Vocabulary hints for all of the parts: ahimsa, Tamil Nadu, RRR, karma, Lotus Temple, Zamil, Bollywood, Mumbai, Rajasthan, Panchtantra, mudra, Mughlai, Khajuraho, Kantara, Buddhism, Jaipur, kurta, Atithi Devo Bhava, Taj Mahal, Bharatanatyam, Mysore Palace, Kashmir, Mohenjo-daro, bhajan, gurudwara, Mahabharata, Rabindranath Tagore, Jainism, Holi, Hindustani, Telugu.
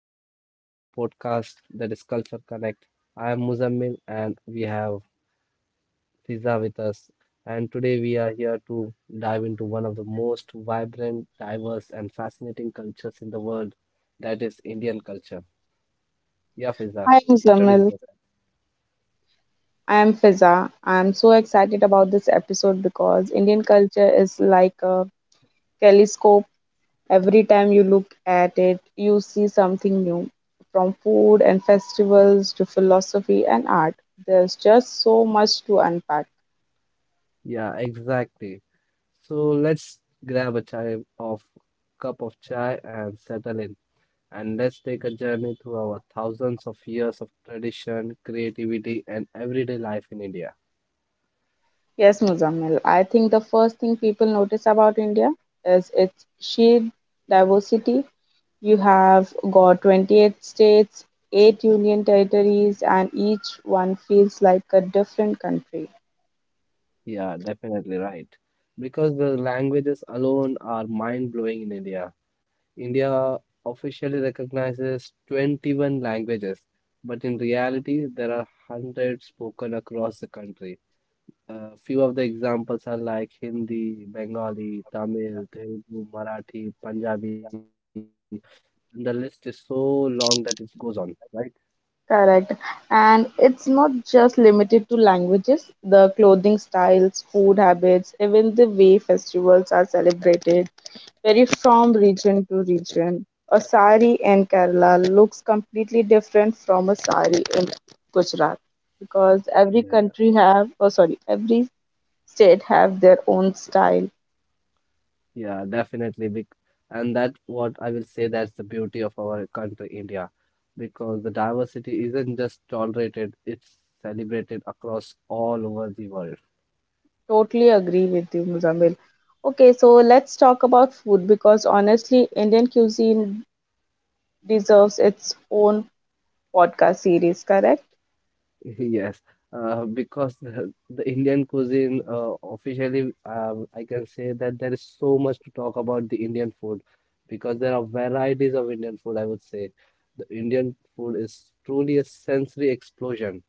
welcome to our podcast that is Culture Connect. I am Muzammil and we have Fiza with us. And today we are here to dive into one of the most vibrant, diverse, and fascinating cultures in the world, that is Indian culture. Yeah, Fiza, Hi, I'm introduce Zamil. yourself. I'm Fiza. I'm so excited about this episode because Indian culture is like a telescope. Every time you look at it, you see something new. From food and festivals to philosophy and art, there's just so much to unpack. Yeah, exactly. So let's grab a chai of cup of chai and settle in and let's take a journey through our thousands of years of tradition, creativity, and everyday life in India. Yes, Muzammil. I think the first thing people notice about India is its sheer diversity. You have got 28 states, 8 union territories, and each one feels like a different country. Yeah, definitely right. Because the languages alone are mind blowing in India. India officially recognizes 21 languages, but in reality, there are hundreds spoken across the country. A few of the examples are like Hindi, Bengali, Tamil, Telugu, Marathi, Punjabi, and the list is so long that it goes on, right? Correct. And it's not just limited to languages, the clothing styles, food habits, even the way festivals are celebrated vary from region to region. A sari in Kerala looks completely different from a sari in Gujarat because every Yeah, country have, oh sorry, every state have their own style. yeah, definitely. And that what I will say, that's the beauty of our country, India, because the diversity isn't just tolerated, it's celebrated across all over the world. Totally agree with you, Muzamil. Okay, so let's talk about food because honestly, Indian cuisine deserves its own podcast series. Correct? Yes, because the Indian cuisine, officially, I can say that there is so much to talk about the Indian food, because there are varieties of Indian food, I would say. The Indian food is truly a sensory explosion.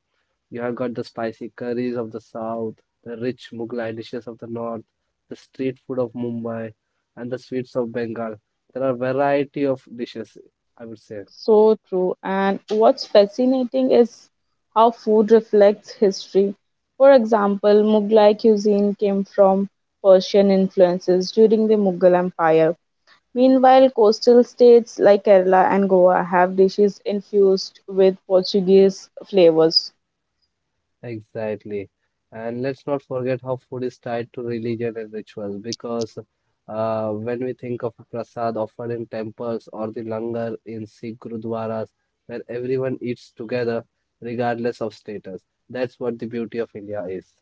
You have got the spicy curries of the south, the rich Mughlai dishes of the north, the street food of Mumbai, and the sweets of Bengal. There are variety of dishes, I would say. So true. And what's fascinating is how food reflects history. For example, Mughlai cuisine came from Persian influences during the Mughal Empire. Meanwhile, coastal states like Kerala and Goa have dishes infused with Portuguese flavors. Exactly. And let's not forget how food is tied to religion and rituals because when we think of prasad offered in temples or the langar in Sikh gurudwaras where everyone eats together regardless of status, that's what the beauty of India is.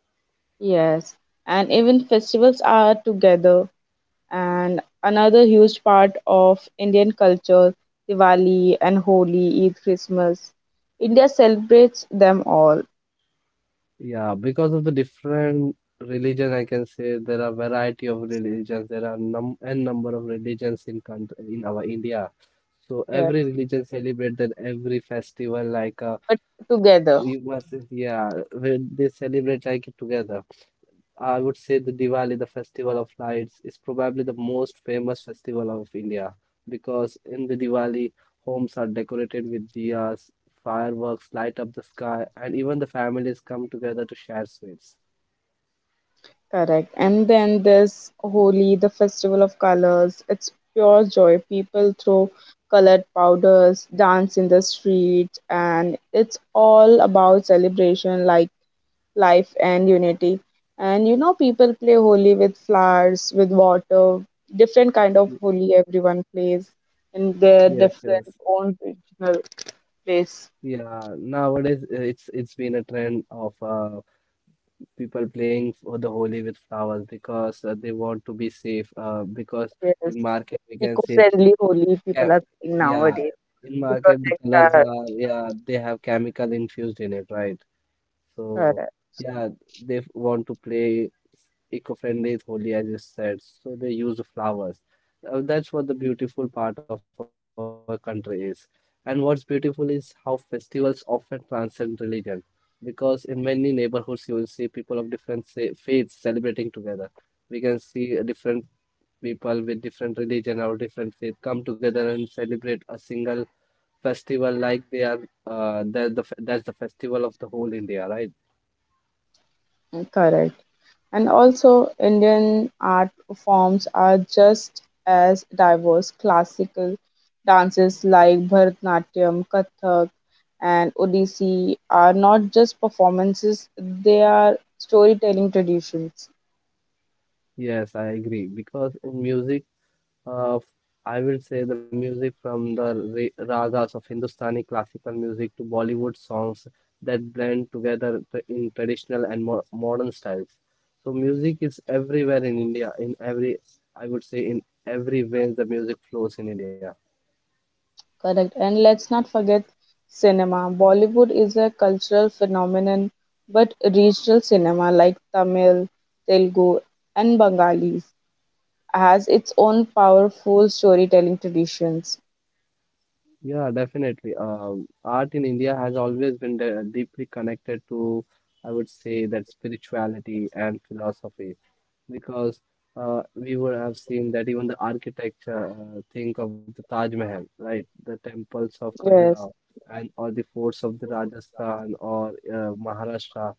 Yes, and even festivals are together and another huge part of Indian culture, Diwali and Holi, Eid, Christmas. India celebrates them all, Yeah, because of the different religion, I can say there are variety of religions. There are number of religions in country in our India. So yes, every religion celebrate that every festival like but together, we must yeah they celebrate like it together. I would say the Diwali, the festival of lights, is probably the most famous festival of India because in the Diwali homes are decorated with diyas, fireworks light up the sky, and even the families come together to share sweets. correct. And then there's Holi, the festival of colors. It's pure joy. People throw colored powders, dance in the street, and it's all about celebration, like life and unity, and you know people play holy with flowers, with water, different kind of holy everyone plays in their Yes, different yes. own regional place. Yeah, nowadays it's been a trend of people playing for the Holi with flowers because they want to be safe. Because Yes. in market we can see, Eco-friendly holy yeah, people are playing yeah, nowadays in to market the colors protect are yeah they have chemical infused in it, right? our. So yeah, they want to play eco-friendly Holi, as you said. So they use flowers. That's what the beautiful part of our country is. And what's beautiful is how festivals often transcend religion, because in many neighborhoods you will see people of different say, faiths celebrating together. We can see different people with different religion or different faith come together and celebrate a single festival like they are that's the that's the festival of the whole India, right? Correct. And also, Indian art forms are just as diverse. Classical dances like Bharatanatyam, Kathak, and Odissi are not just performances, they are storytelling traditions. Yes, I agree. Because in music, uh, I will say the music from the ragas of Hindustani classical music to Bollywood songs that blend together in traditional and mo modern styles. So music is everywhere in India. In every, I would say, in every vein the music flows in India. Correct. And let's not forget cinema. Bollywood is a cultural phenomenon, but regional cinema like Tamil, Telugu, and Bengalis has its own powerful storytelling traditions. Yeah, definitely. Art in India has always been deeply connected to, I would say, that spirituality and philosophy. Because we would have seen that even the architecture, think of the Taj Mahal, right? The temples of Khajuraho Yes. and or the forts of the Rajasthan or Maharashtra.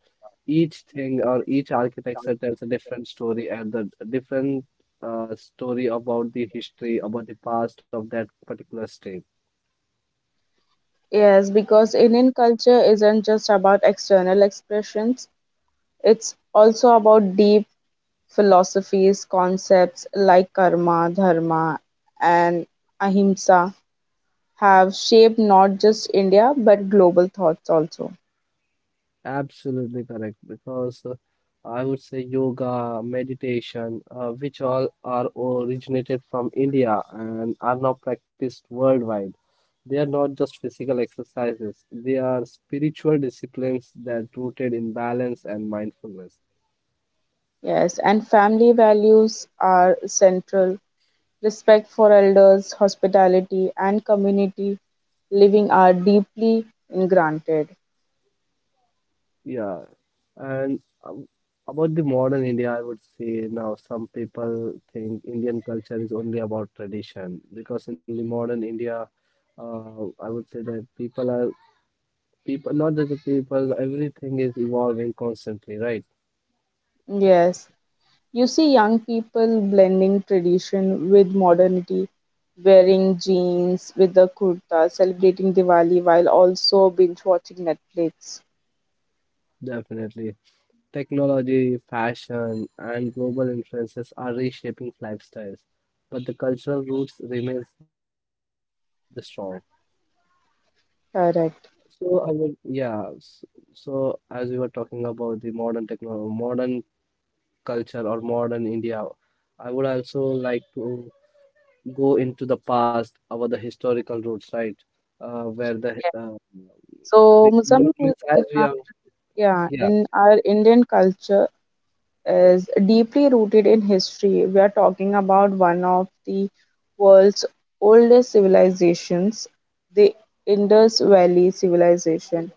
Each thing or each architecture tells a different story and the different story about the history, about the past of that particular state. Yes, because Indian culture isn't just about external expressions, it's also about deep philosophies. Concepts like karma, dharma, and ahimsa have shaped not just India but global thoughts also. Absolutely correct, because I would say yoga, meditation, which all are originated from India and are now practiced worldwide. They are not just physical exercises, they are spiritual disciplines that rooted in balance and mindfulness. Yes, and family values are central. Respect for elders, hospitality, and community living are deeply ingrained. Yeah, and about the modern India, I would say now some people think Indian culture is only about tradition because in the modern India, I would say that people are. People, not just the people, everything is evolving constantly, right? Yes, you see young people blending tradition with modernity, wearing jeans with the kurta, celebrating Diwali while also binge watching Netflix. Definitely. Technology, fashion, and global influences are reshaping lifestyles, but the cultural roots remains the strong. Correct. So I would, yeah. So as we were talking about the modern techno, modern culture or modern India, I would also like to go into the past, about the historical roots, right? Where the So, which we don't miss Muzammil, in as we our, are, yeah, yeah. in our Indian culture, is deeply rooted in history. We are talking about one of the world's oldest civilizations, the Indus Valley Civilization,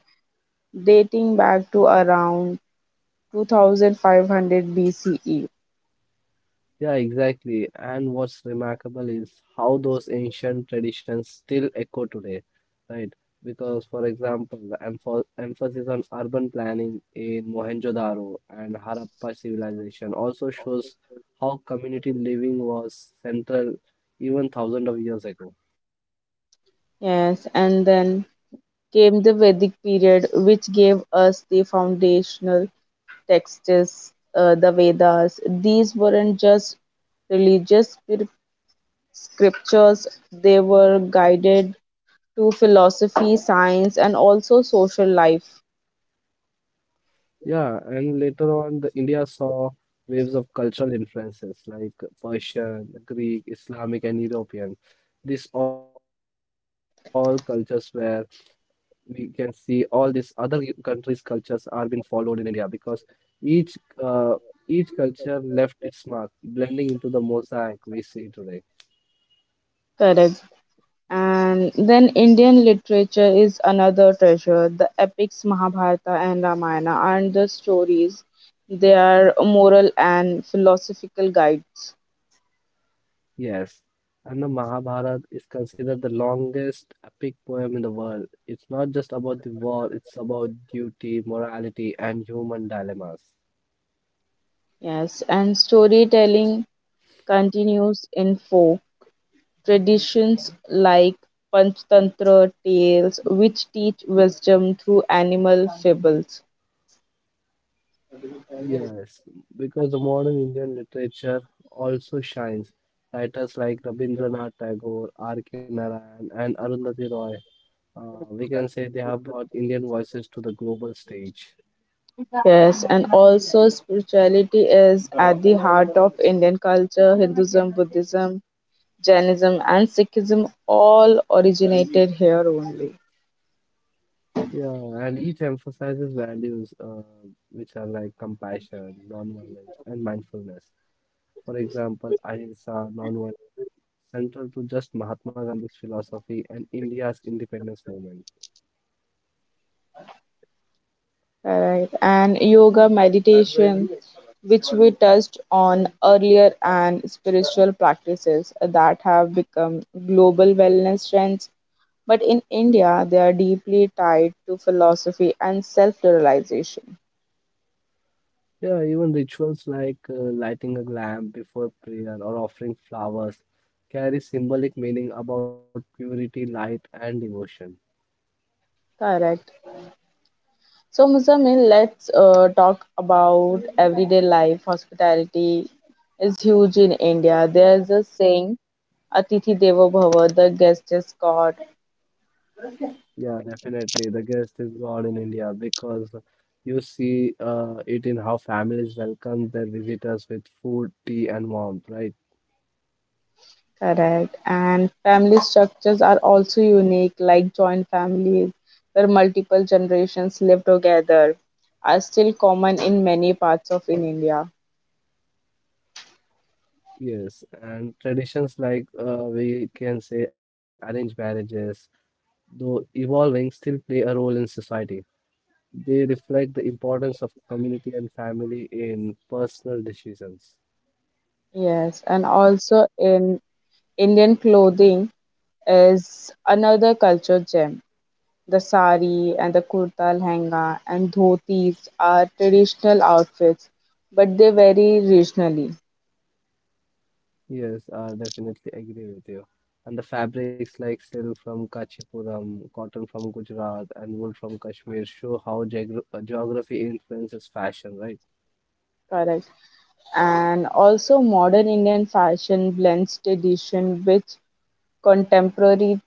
dating back to around 2500 BCE. Yeah, exactly. And what's remarkable is how those ancient traditions still echo today, right? Because, for example, the emphasis on urban planning in Mohenjo-daro and Harappa civilization also shows how community living was central even thousands of years ago. Yes, and then came the Vedic period, which gave us the foundational texts, the Vedas. These weren't just religious spir- scriptures, they were guided to philosophy, science, and also social life. Yeah, and later on, the India saw waves of cultural influences like Persian, Greek, Islamic, and European. These all cultures were we can see all these other countries' cultures are being followed in India because each uh, each culture left its mark, blending into the mosaic we see today. Correct. And then Indian literature is another treasure. The epics Mahabharata and Ramayana and the stories. They are moral and philosophical guides. Yes, and the Mahabharata is considered the longest epic poem in the world. It's not just about the war; it's about duty, morality, and human dilemmas. Yes, and storytelling continues in folk traditions like Panchtantra tales, which teach wisdom through animal fables. Yes, because the modern Indian literature also shines. Writers like Rabindranath Tagore, R. K. Narayan, and Arundhati Roy. We can say they have brought Indian voices to the global stage. Yes, and also spirituality is at the heart of Indian culture. Hinduism, Buddhism, Jainism, and Sikhism all originated here only. Yeah, and each emphasizes values which are like compassion, nonviolence, and mindfulness. For example, ahimsa, nonviolence, central to just Mahatma Gandhi's philosophy and India's independence movement. Alright, and yoga, meditation, which we touched on earlier, and spiritual practices that have become global wellness trends. But in India, they are deeply tied to philosophy and self realization. Yeah, even rituals like lighting a lamp before prayer or offering flowers carry symbolic meaning about purity, light, and devotion. Correct. So, Muzammil, let's talk about everyday life. Hospitality is huge in India. There's a saying, Atithi Devo Bhava, the guest is God. Yeah, definitely. The guest is God in India because you see it in how families welcome their visitors with food, tea, and warmth, right? Correct. And family structures are also unique, like joint families, where multiple generations live together, are still common in many parts of in India. Yes. And traditions like we can say arranged marriages, though evolving, still play a role in society. They reflect the importance of community and family in personal decisions. Yes, and also in Indian clothing is another culture gem. The sari and the kurta, lehenga, and dhotis are traditional outfits, but they vary regionally. Yes, I definitely agree with you. And the fabrics like silk from Kachipuram, cotton from Gujarat, and wool from Kashmir show how geography influences fashion, right? Correct. And also, modern Indian fashion blends tradition with contemporary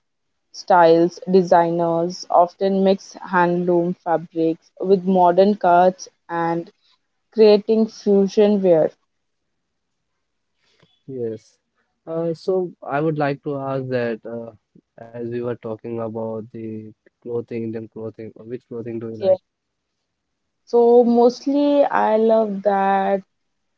styles. Designers often mix handloom fabrics with modern cuts and creating fusion wear. Yes. So I would like to ask that as we were talking about the clothing, Indian clothing, which clothing do you like? Yes. So mostly, I love that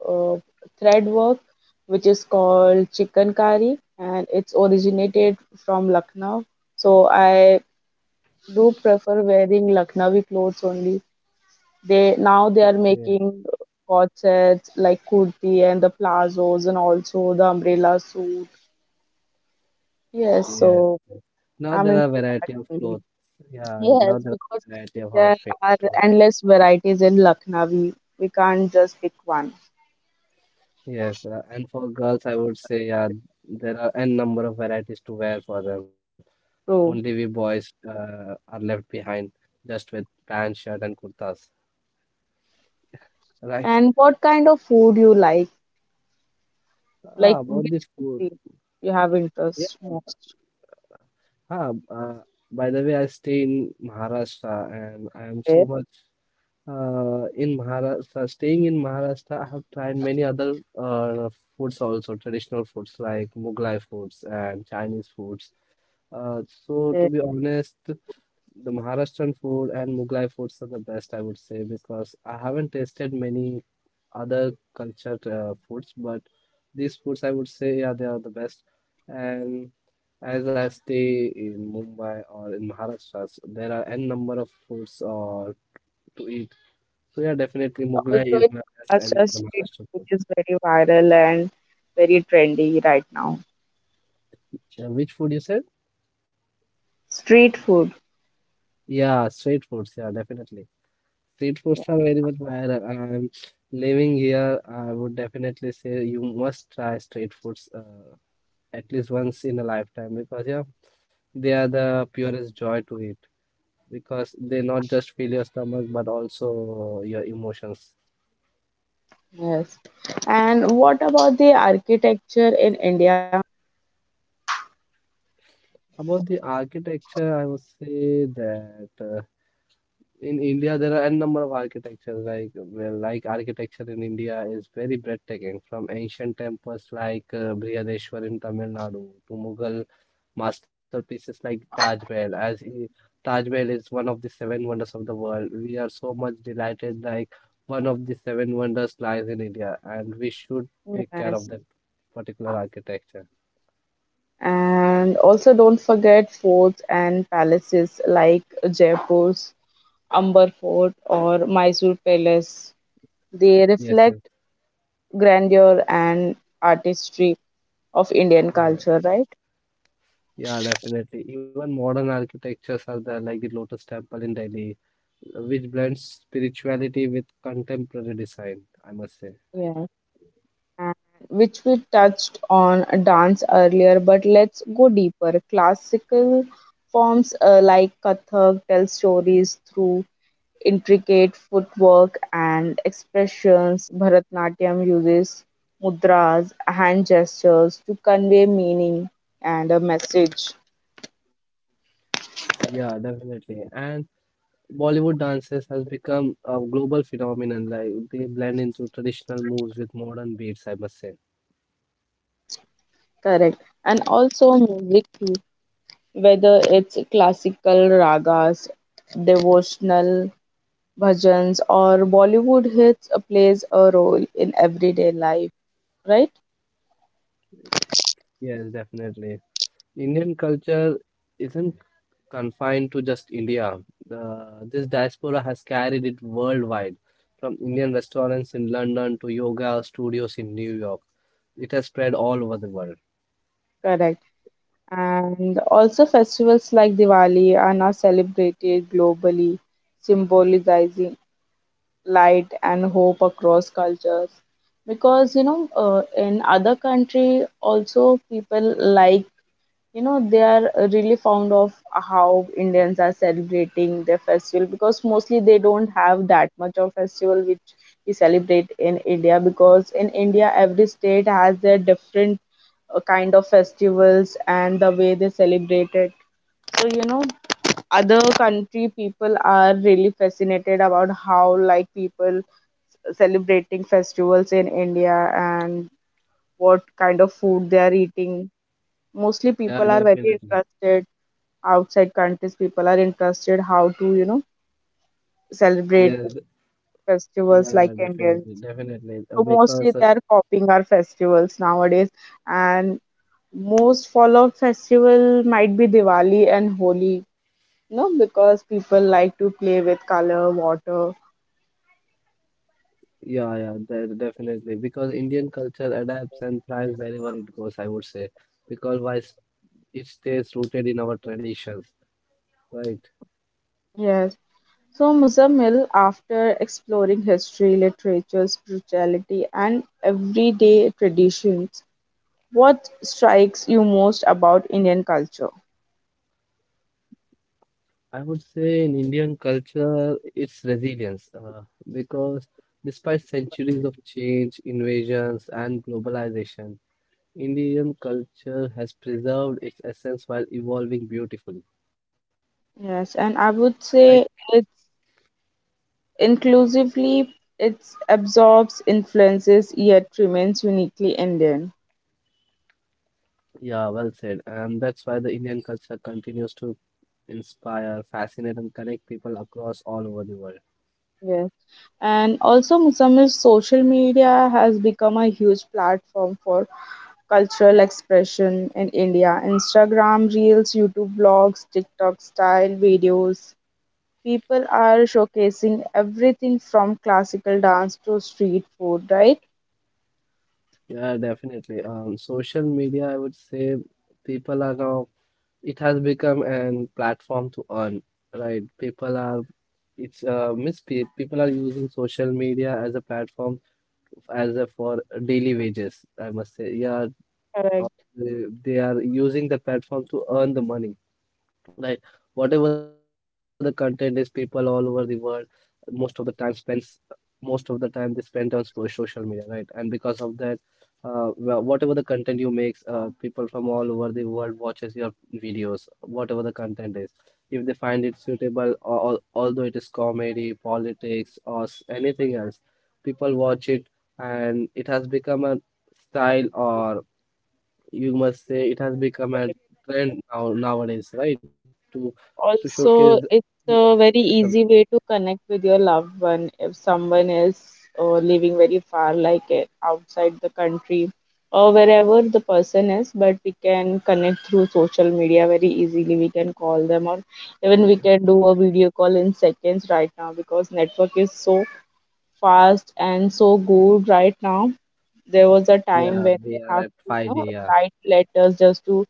uh, thread work, which is called chicken kari, and it's originated from Lucknow. So I do prefer wearing Lucknowi clothes only. They now they are Yes, making coat sets like kurti and the plazos and also the umbrella suit. Yes, yes, so yes. Now there I'm are into variety that of clothes. only. Yeah, Yes, now there are because variety of there outfits are to wear. endless varieties in Lucknowi. We can't just pick one. Yes, and for girls, I would say yeah, there are n number of varieties to wear for them. Only we True. boys are left behind just with pants, shirt, and kurtas. Right? And what kind of food you like? Like Ah, about the which food. field you have Yeah. interest most Ah, uh, by the way, I stay in Maharashtra, and I am so in. much. In Maharashtra, staying in Maharashtra, I have tried many other foods also, traditional foods like Mughlai foods and Chinese foods. So Okay. to be honest, the Maharashtrian food and Mughlai foods are the best, I would say, because I haven't tasted many other cultured foods, but these foods I would say, yeah, they are the best. And as I stay in Mumbai or in Maharashtra, so there are n number of foods to eat, so yeah, definitely Mughlai Also is in my best and in Maharashtra, the street Maharashtra food food. is very viral and very trendy right now. Yeah, which food you said? Street food. Yeah, street foods. Yeah, definitely. Street Yeah. foods are very much viral. I'm living here. I would definitely say you must try street foods at least once in a lifetime because yeah, they are the purest joy to eat because they not just fill your stomach but also your emotions. Yes. And what about the architecture in India? About the architecture, I would say that. In India, there are n number of architectures like well, like architecture in India is very breathtaking. From ancient temples like Brihadeshwar in Tamil Nadu to Mughal masterpieces like Taj Mahal. Taj Mahal is one of the seven wonders of the world, we are so much delighted. Like one of the seven wonders lies in India, and we should take care Yes. of that particular architecture. And also don't forget forts and palaces like Jaipur's Amber Fort or Mysore Palace. They Yes, reflect yes, grandeur and artistry of Indian yeah, culture, right? yeah, definitely. Even modern architectures are there, like the Lotus Temple in Delhi which blends spirituality with contemporary design, I must say. Yes, and which we touched on a dance earlier, but let's go deeper. Classical forms like Kathak tell stories through intricate footwork and expressions. Bharatnatyam uses mudras, hand gestures to convey meaning and a message. Yeah, definitely. And Bollywood dances has become a global phenomenon. Like they blend into traditional moves with modern beats, I must say. Correct. And also music too, whether it's classical ragas, devotional bhajans or Bollywood hits plays a role in everyday life, right? Yes, definitely. Indian culture isn't confined to just India. This diaspora has carried it worldwide, from Indian restaurants in London to yoga studios in New York. It has spread all over the world. Correct. And also festivals like Diwali are now celebrated globally, symbolizing light and hope across cultures. Because you know, in other country also people like, you know, they are really fond of how Indians are celebrating their festival, because mostly they don't have that much of festival which we celebrate in India, because in India every state has their different kind of festivals and the way they celebrate it. So you know, other country people are really fascinated about how, like, people celebrating festivals in India, and what kind of food they are eating. Mostly Yeah, people are very definitely. interested. Outside countries people are interested how to, you know, celebrate Yes, festivals yeah, like yeah, Indians. definitely, definitely. So mostly they are copying our festivals nowadays, and most followed festival might be Diwali and Holi, you know, because people like to play with color water. Yeah, definitely. Because Indian culture adapts and thrives wherever it goes, I would say. Because it stays rooted in our traditions, right? Yes. So Muzammil, after exploring history, literature, spirituality, and everyday traditions, what strikes you most about Indian culture? I would say in Indian culture, it's resilience. Because despite centuries of change, invasions, and globalization, Indian culture has preserved its essence while evolving beautifully, Yes, and I right? would say it's inclusively, it absorbs influences yet remains uniquely Indian. Yeah, well said. And that's why the Indian culture continues to inspire, fascinate, and connect people across all over the world. Yes. And also, Musammir's social media has become a huge platform for cultural expression in India. Instagram reels, YouTube vlogs, TikTok style videos. People are showcasing everything from classical dance to street food, right? Yeah, definitely. Social media, I would say, people are now, it has become an platform to earn, right? People are using social media as a platform as a for daily wages, I must say. Yeah, uh, Correct. they are using the platform to earn the money. Like whatever the content is, people all over the world most of the time spends most of the time they spend on social media, right? And because of that, whatever the content you make, people from all over the world watches your videos, whatever the content is. If they find it suitable, although it is comedy, politics, or anything else, people watch it, and it has become a style, or you must say it has become a trend now nowadays, right? To Also, it's a showcase very the. easy way to connect with your loved one if someone is living very far, like outside the country or wherever the person is. But we can connect through social media very easily. We can call them, or even we can do a video call in seconds right now because network is so fast and so good right now. There was a time Yeah, when they we are have at to, you know, 5G, yeah. write letters just to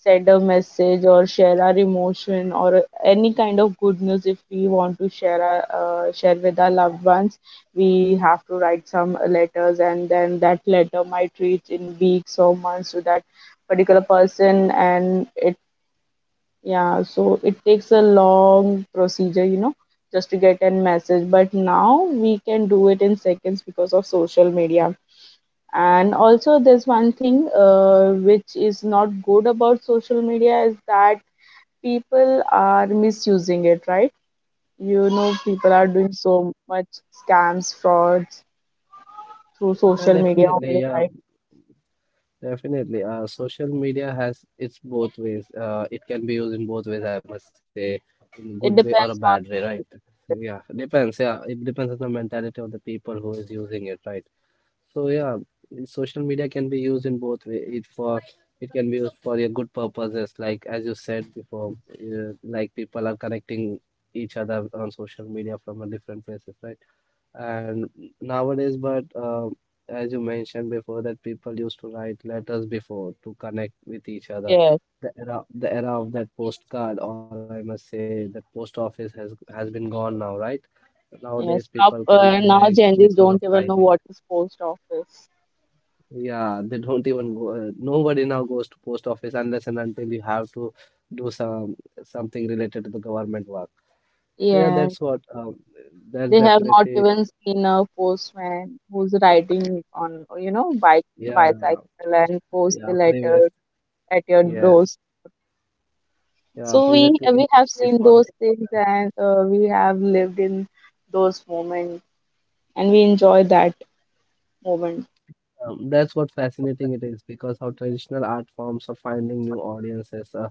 send a message or share our emotion or any kind of good news. If we want to share our, share with our loved ones, we have to write some letters and then that letter might reach in weeks or months to that particular person, and it, yeah, so it takes a long procedure, you know, just to get a message. But now we can do it in seconds because of social media. And also, there's one thing which is not good about social media is that people are misusing it, right? You know, people are doing so much scams, frauds through Yeah, social media definitely, only, yeah, right? definitely. Social media has its both ways. It can be used in both ways, I must say, in good way It or a depends bad on way, right? who it Yeah, is. depends. Yeah, it depends on the mentality of the people who is using it, right? So yeah, social media can be used in both way. It can be used for your good purposes, like as you said before, like people are connecting each other on social media from a different places, right? And nowadays, but as you mentioned before, that people used to write letters before to connect with each other. Yes, The era of that postcard, or I must say, that post office has been gone now, right? Nowadays, yes. people Now, can connect now Gen Zs because of don't I even D. know what is post office. Yeah, they don't even go. Nobody now goes to post office unless and until you have to do some something related to the government work. So yeah, Yes. that's what. That's They have not definitely even seen a postman who's riding on, you know, bike, Yeah, bicycle and post the yeah. letter Previous, at your yes, doors. yeah. So Previously we we have wait seen for those the. things and we have lived in those moments and we enjoy that moment. That's what fascinating it is because how traditional art forms are finding new audiences, uh,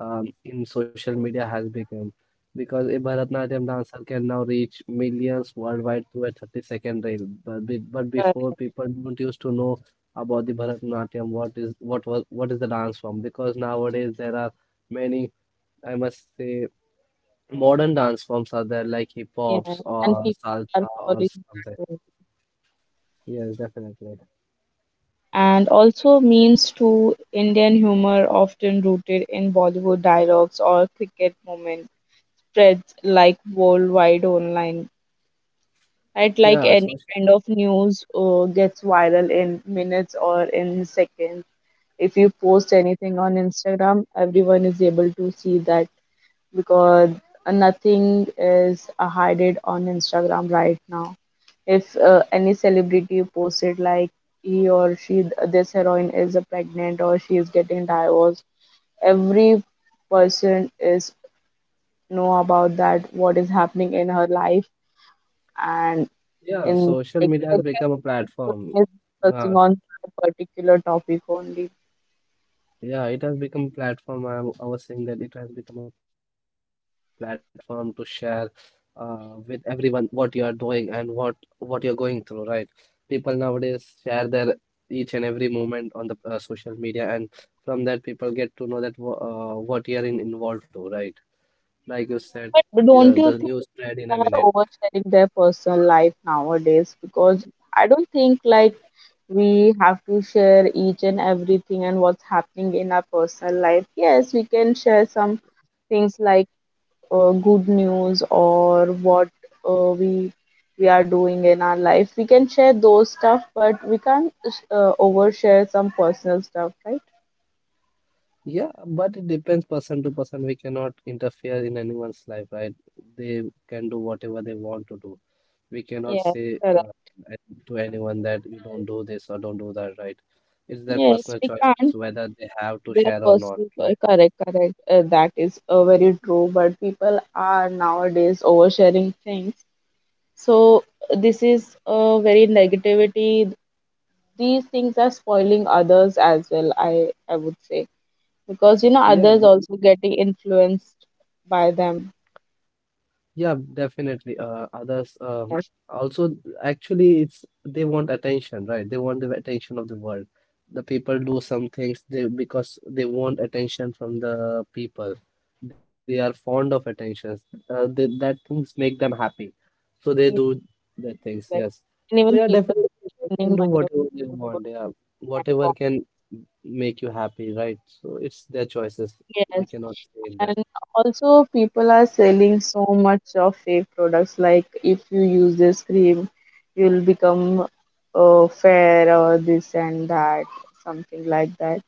um, in social media has become. Because a Bharatanatyam dancer can now reach millions worldwide through a 30-second reel. But before uh, people don't used to know about the Bharatanatyam. What is the dance form? Because nowadays there are many, I must say, modern dance forms are there, like hip yeah. hops And or people are salsa or following something. that way. Yes, definitely. And also memes to Indian humor, often rooted in Bollywood dialogues or cricket moments, spreads like worldwide online. Right? Like Yeah, so any kind of news gets viral in minutes or in seconds. If you post anything on Instagram, everyone is able to see that because nothing is hidden on Instagram right now. If any celebrity posted like he or she, this heroine is pregnant or she is getting divorced, every person is know about that what is happening in her life and yeah, in, social like, media has become a platform. is focusing Uh, on a particular topic only. yeah, it has become a platform. I was saying that it has become a platform to share, with everyone what you are doing and what you're going through, right? People nowadays share their each and every moment on the social media, and from that people get to know that what you are involved to, right? Like you said, But yeah, don't the you think news spread in a they are minute. oversharing their personal life nowadays? Because I don't think like we have to share each and everything and what's happening in our personal life. Yes, we can share some things like good news or what uh, we we are doing in our life. We can share those stuff, but we can't overshare some personal stuff, right? Yeah, but it depends person to person. We cannot interfere in anyone's life, right? They can do whatever they want to do. We cannot Yes, say correct. To anyone that you don't do this or don't do that, right? It's their Yes, personal we choices can't. whether they have to Their share or not, pursuit, right? correct, correct, that is very true, but people are nowadays oversharing things. So this is a very negativity. These things are spoiling others as well, I would say, because you know Yeah, others also getting influenced by them. yeah, definitely. Others, also actually it's they want attention, right? They want the attention of the world. The people do some things they because they want attention from the people. They are fond of attention. That things make them happy, so they Yes, do the things. correct. Yes. And So even yeah, people definitely they can spending do money on whatever they food want. Yeah, and whatever coffee. can make you happy, right? So it's their choices. We Yes. cannot say in that. And also, people are selling so much of fake products. Like if you use this cream, you'll become fair or this and that, something like that.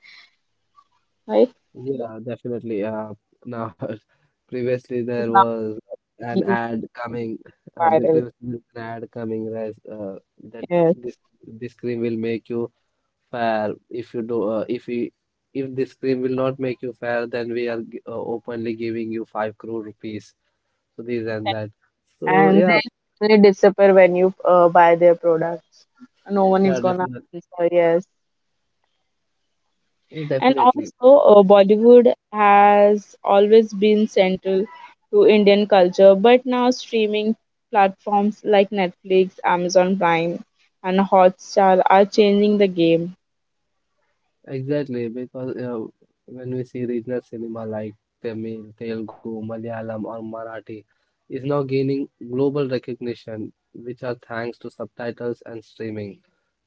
Right? Yeah, definitely. Now, previously there Now was an he's ad coming. The viral. Previously there was an ad coming as, that Yes. this cream will make you fair. If you do, if we, If this cream will not make you fair, then we are openly giving you five crore rupees. So this and that. So And yeah, they disappear when you buy their products. No one is yeah, gonna definitely, answer. Yes. And definitely. also, Bollywood has always been central to Indian culture, but now streaming platforms like Netflix, Amazon Prime, and Hotstar are changing the game. Exactly, because when we see regional cinema like Tamil, Telugu, Malayalam, or Marathi is now gaining global recognition, which are thanks to subtitles and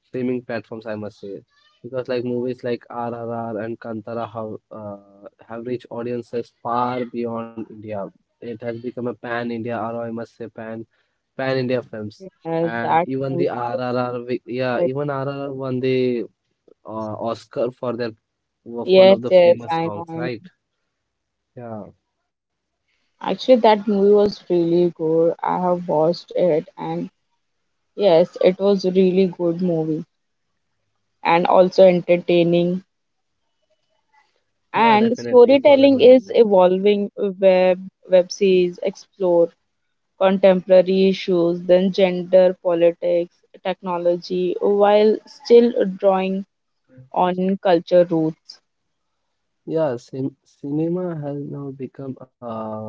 streaming platforms, I must say. Because like movies like RRR and Kantara have reached audiences far beyond India. It has become a pan-India, or I must say pan-India films. Yes, And that even movie. the RRR, wi- yeah, that- even RRR won the, Oscar for their of one Yes, of the yes, famous I know. songs, I know. right? Yeah, Actually, that movie was really good. I have watched it, and yes, it was really good movie and also entertaining. yeah, And definitely, it was a storytelling good is movie. evolving, web series explore contemporary issues, then gender politics, technology, while still drawing on culture roots. Cinema has now become.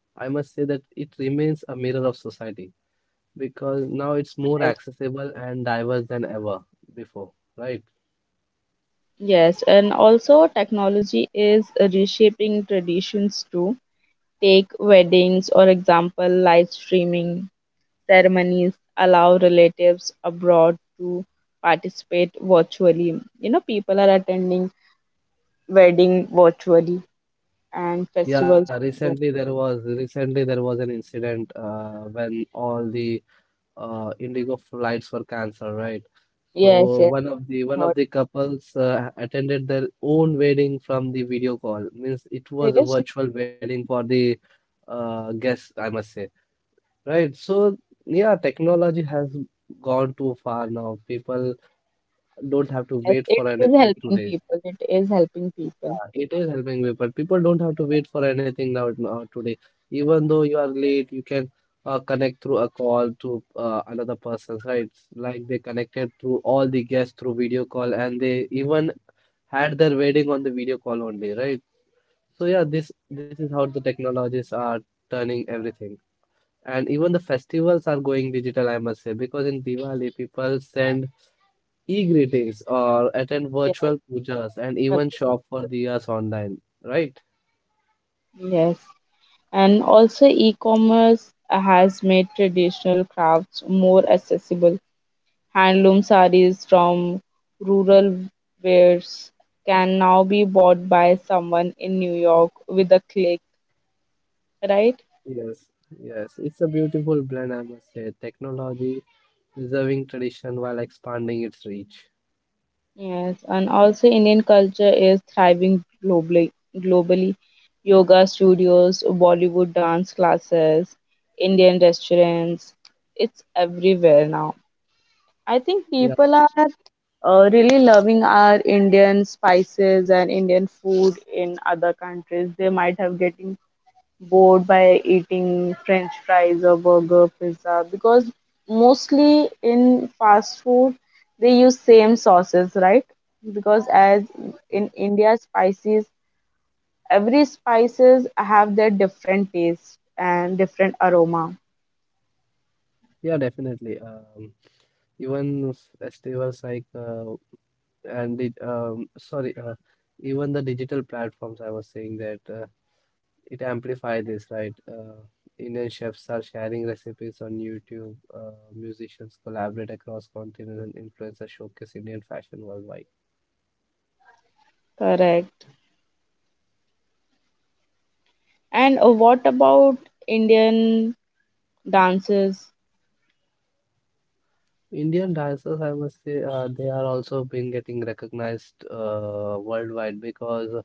I must say that it remains a mirror of society because now it's more Right. accessible and diverse than ever before, right? Yes, and also technology is reshaping traditions too. Take weddings or example, live streaming ceremonies allow relatives abroad to participate virtually. People are attending wedding virtually and Yeah, festivals also. Recently there was an incident, when all the Indigo flights were cancelled, right? Yes, So yes, one heard. of the couples, attended their own wedding from the video call. Means it was It a is, virtual wedding for the, guests, I must say. Right. So yeah, technology has gone too far now. People don't have to yes, wait it for is anything helping today. people. It is helping people. Yeah, it is helping people. People don't have to wait for anything now, now today. Even though you are late, you can, connect through a call to, another person, right? Like they connected through all the guests through video call, and they even had their wedding on the video call only, right? So yeah, this is how the technologies are turning everything. And even the festivals are going digital, I must say, because in Diwali, people send e-greetings or attend Yes, virtual pujas and correct. even shop for diyas online, right? Yes. And also, e-commerce has made traditional crafts more accessible. Handloom sarees from rural wares can now be bought by someone in New York with a click, right? Yes, yes. It's a beautiful blend, I must say. Technology preserving tradition while expanding its reach. Yes, and also Indian culture is thriving globally. Globally, yoga studios, Bollywood dance classes, Indian restaurants, it's everywhere now. I think Yeah, people are really loving our Indian spices and Indian food in other countries. They might have getting bored by eating french fries or burger pizza because mostly in fast food they use same sauces, right? Because as in india spices, every spices have their different taste and different aroma. yeah, definitely. Even festivals like and it sorry even the digital platforms I was saying that, it amplify this right, Indian chefs are sharing recipes on YouTube, musicians collaborate across continents and influencers showcase Indian fashion worldwide. Correct. And what about Indian dances? Indian dancers I must say, they are also been getting recognized, worldwide because,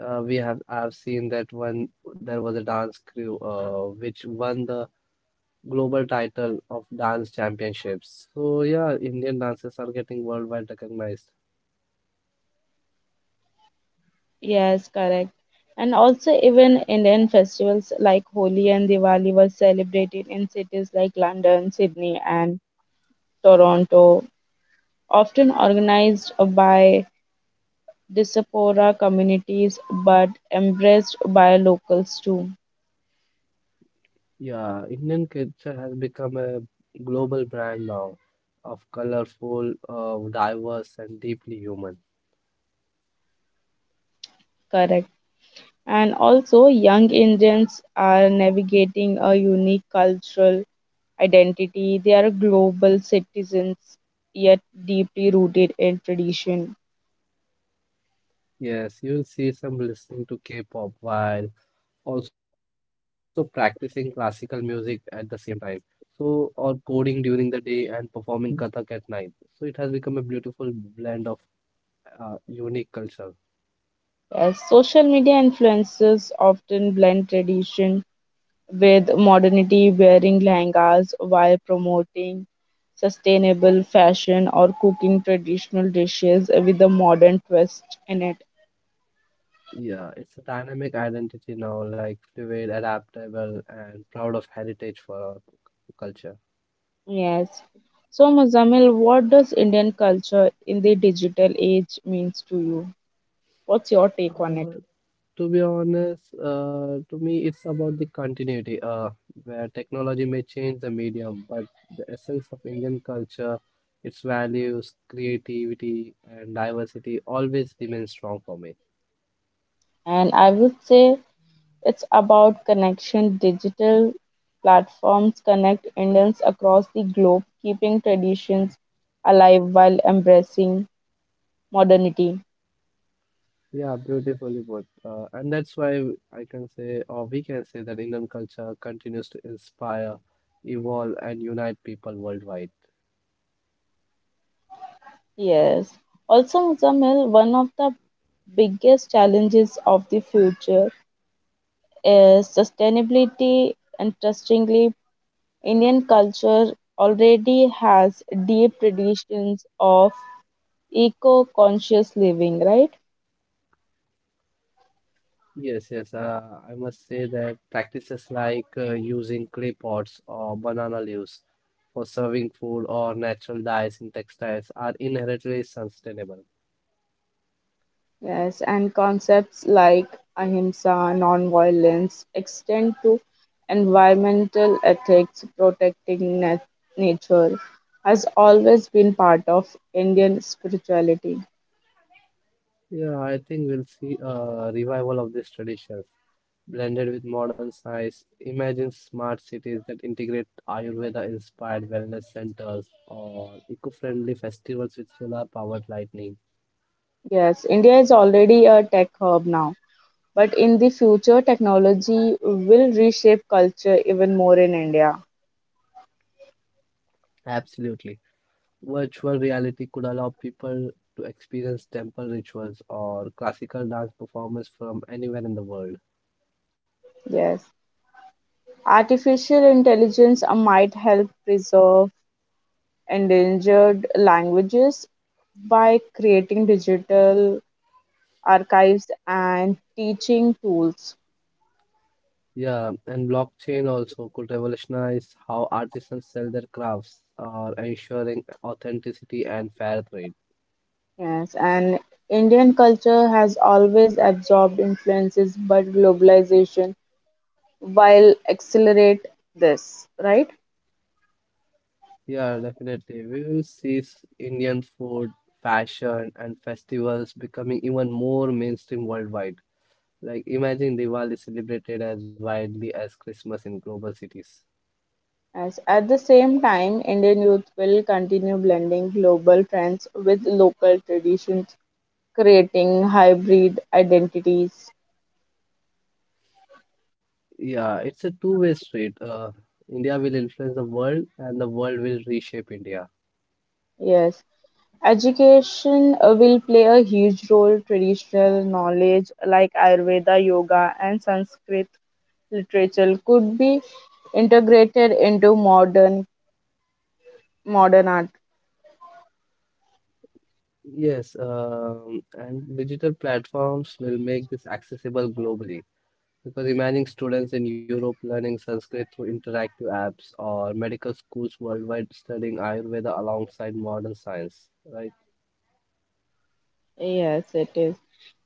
we have I've seen that one there was a dance crew, which won the global title of dance championships. So yeah, Indian dances are getting worldwide recognized. Yes, correct. And also, even Indian festivals like Holi and Diwali were celebrated in cities like London, Sydney, and Toronto, often organized by diaspora communities but embraced by locals too. Yeah, Indian culture has become a global brand now of colorful, diverse, and deeply human. Correct. And also, young Indians are navigating a unique cultural identity. They are global citizens, yet deeply rooted in tradition. Yes, you will see some listening to K-pop while also practicing classical music at the same time. So, or coding during the day and performing Kathak at night. So, it has become a beautiful blend of, unique culture. Yes, social media influences often blend tradition with modernity, wearing langas while promoting sustainable fashion or cooking traditional dishes with a modern twist in it. Yeah, it's a dynamic identity now, like fluid, adaptable, and proud of heritage for our culture. Yes. So, Muzamil, what does Indian culture in the digital age means to you? What's your take on it? Uh, to be honest, to me, it's about the continuity, where technology may change the medium, but the essence of Indian culture, its values, creativity, and diversity always remain strong for me. And I would say, it's about connection. Digital platforms connect Indians across the globe, keeping traditions alive while embracing modernity. Yeah, beautifully put. And that's why I can say, or we can say, that Indian culture continues to inspire, evolve, and unite people worldwide. Yes. Also, Zamil, one of the biggest challenges of the future is sustainability. Interestingly, Indian culture already has deep traditions of eco conscious living, right? Yes, yes, I must say that practices like, using clay pots or banana leaves for serving food or natural dyes in textiles are inherently sustainable. Yes, and concepts like ahimsa, nonviolence, extend to environmental ethics, protecting nature, has always been part of Indian spirituality. Yeah, I think we'll see a revival of these traditions blended with modern science. Imagine smart cities that integrate Ayurveda inspired wellness centers or eco friendly festivals with solar powered lighting. Yes, India is already a tech hub now, but in the future, technology will reshape culture even more in India. Absolutely. Virtual reality could allow people to experience temple rituals or classical dance performance from anywhere in the world. Yes, artificial intelligence might help preserve endangered languages by creating digital archives and teaching tools. Yeah, and blockchain also could revolutionize how artisans sell their crafts, or ensuring authenticity and fair trade. Yes, and Indian culture has always absorbed influences, but globalization will accelerate this, right? Yeah, definitely. We will see s- Indian food, fashion, and festivals becoming even more mainstream worldwide. Like, imagine Diwali celebrated as widely as Christmas in global cities. As at the same time, Indian youth will continue blending global trends with local traditions, creating hybrid identities. Yeah, it's a two-way street. India will influence the world, and the world will reshape India. Yes, education will play a huge role. Traditional knowledge like Ayurveda, yoga, and Sanskrit literature could be integrated into modern art. Yes, and digital platforms will make this accessible globally. Because imagine students in Europe learning Sanskrit through interactive apps or medical schools worldwide studying Ayurveda alongside modern science, right? Yes, it is.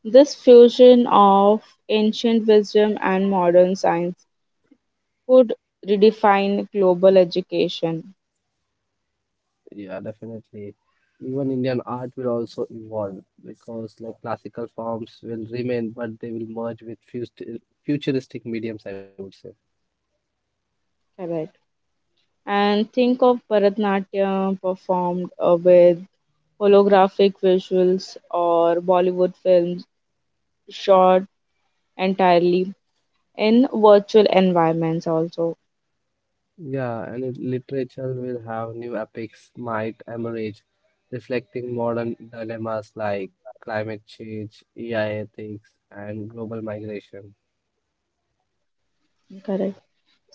This fusion of ancient wisdom and modern science could redefine global education. Yeah, definitely. Even Indian art will also evolve because like classical forms will remain, but they will merge with futuristic mediums, I would say. Correct. And think of Bharatanatyam performed with holographic visuals or Bollywood films shot entirely in virtual environments also. Yeah, and literature will have new epics might emerge, reflecting modern dilemmas like climate change, AI ethics, and global migration. Correct.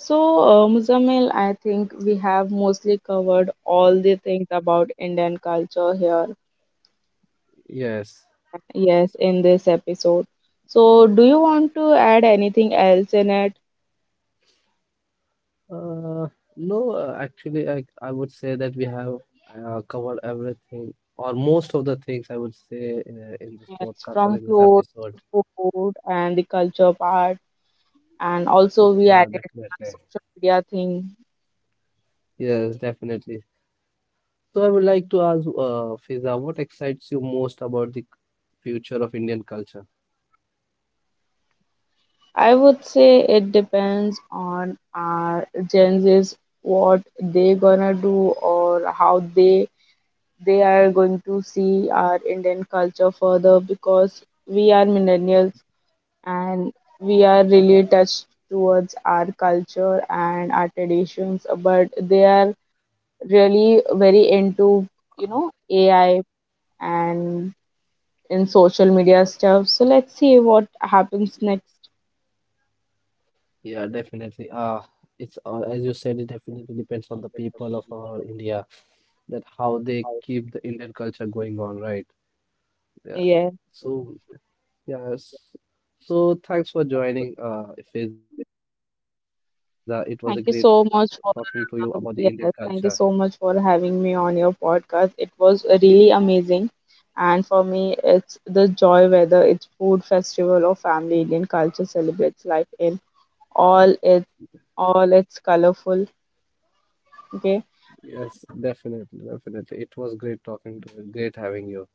So, Muzamil, I think we have mostly covered all the things about Indian culture here, Yes. yes, in this episode. So do you want to add anything else in it? Uh, no, actually, I would say that we have, covered everything or most of the things I would say, in this Yes, podcast or from in this clothes episode. to food and the culture part, and also Yeah, we added a definitely. social media thing. Yes, definitely. So I would like to ask, Fiza, what excites you most about the future of Indian culture? I would say it depends on our Gen Z's, what they gonna do or how they are going to see our Indian culture further, because we are millennials and we are really attached towards our culture and our traditions, but they are really very into, you know, AI and in social media stuff. So let's see what happens next. Yeah, definitely. It's As you said, it definitely depends on the people of our India that how they keep the Indian culture going on, right? Yeah. Yeah. So yes. So thanks for joining, Faiza. It was a great talking to you Thank you about so the Indian much for culture. Yes, thank you so much for having me on your podcast. It was really amazing, and for me, it's the joy, whether it's food festival or family. Indian culture celebrates life in all it all its colorful. Okay, Yes, definitely, definitely. It was great talking to you. Great having you.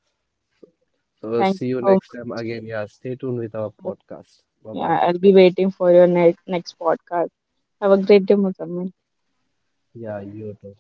So we'll thank you see you so next time again. Yeah, stay tuned with our much. podcast. Bye bye. Yeah, I'll be waiting for your next podcast. Have a great day, Musamman. Yeah, you too.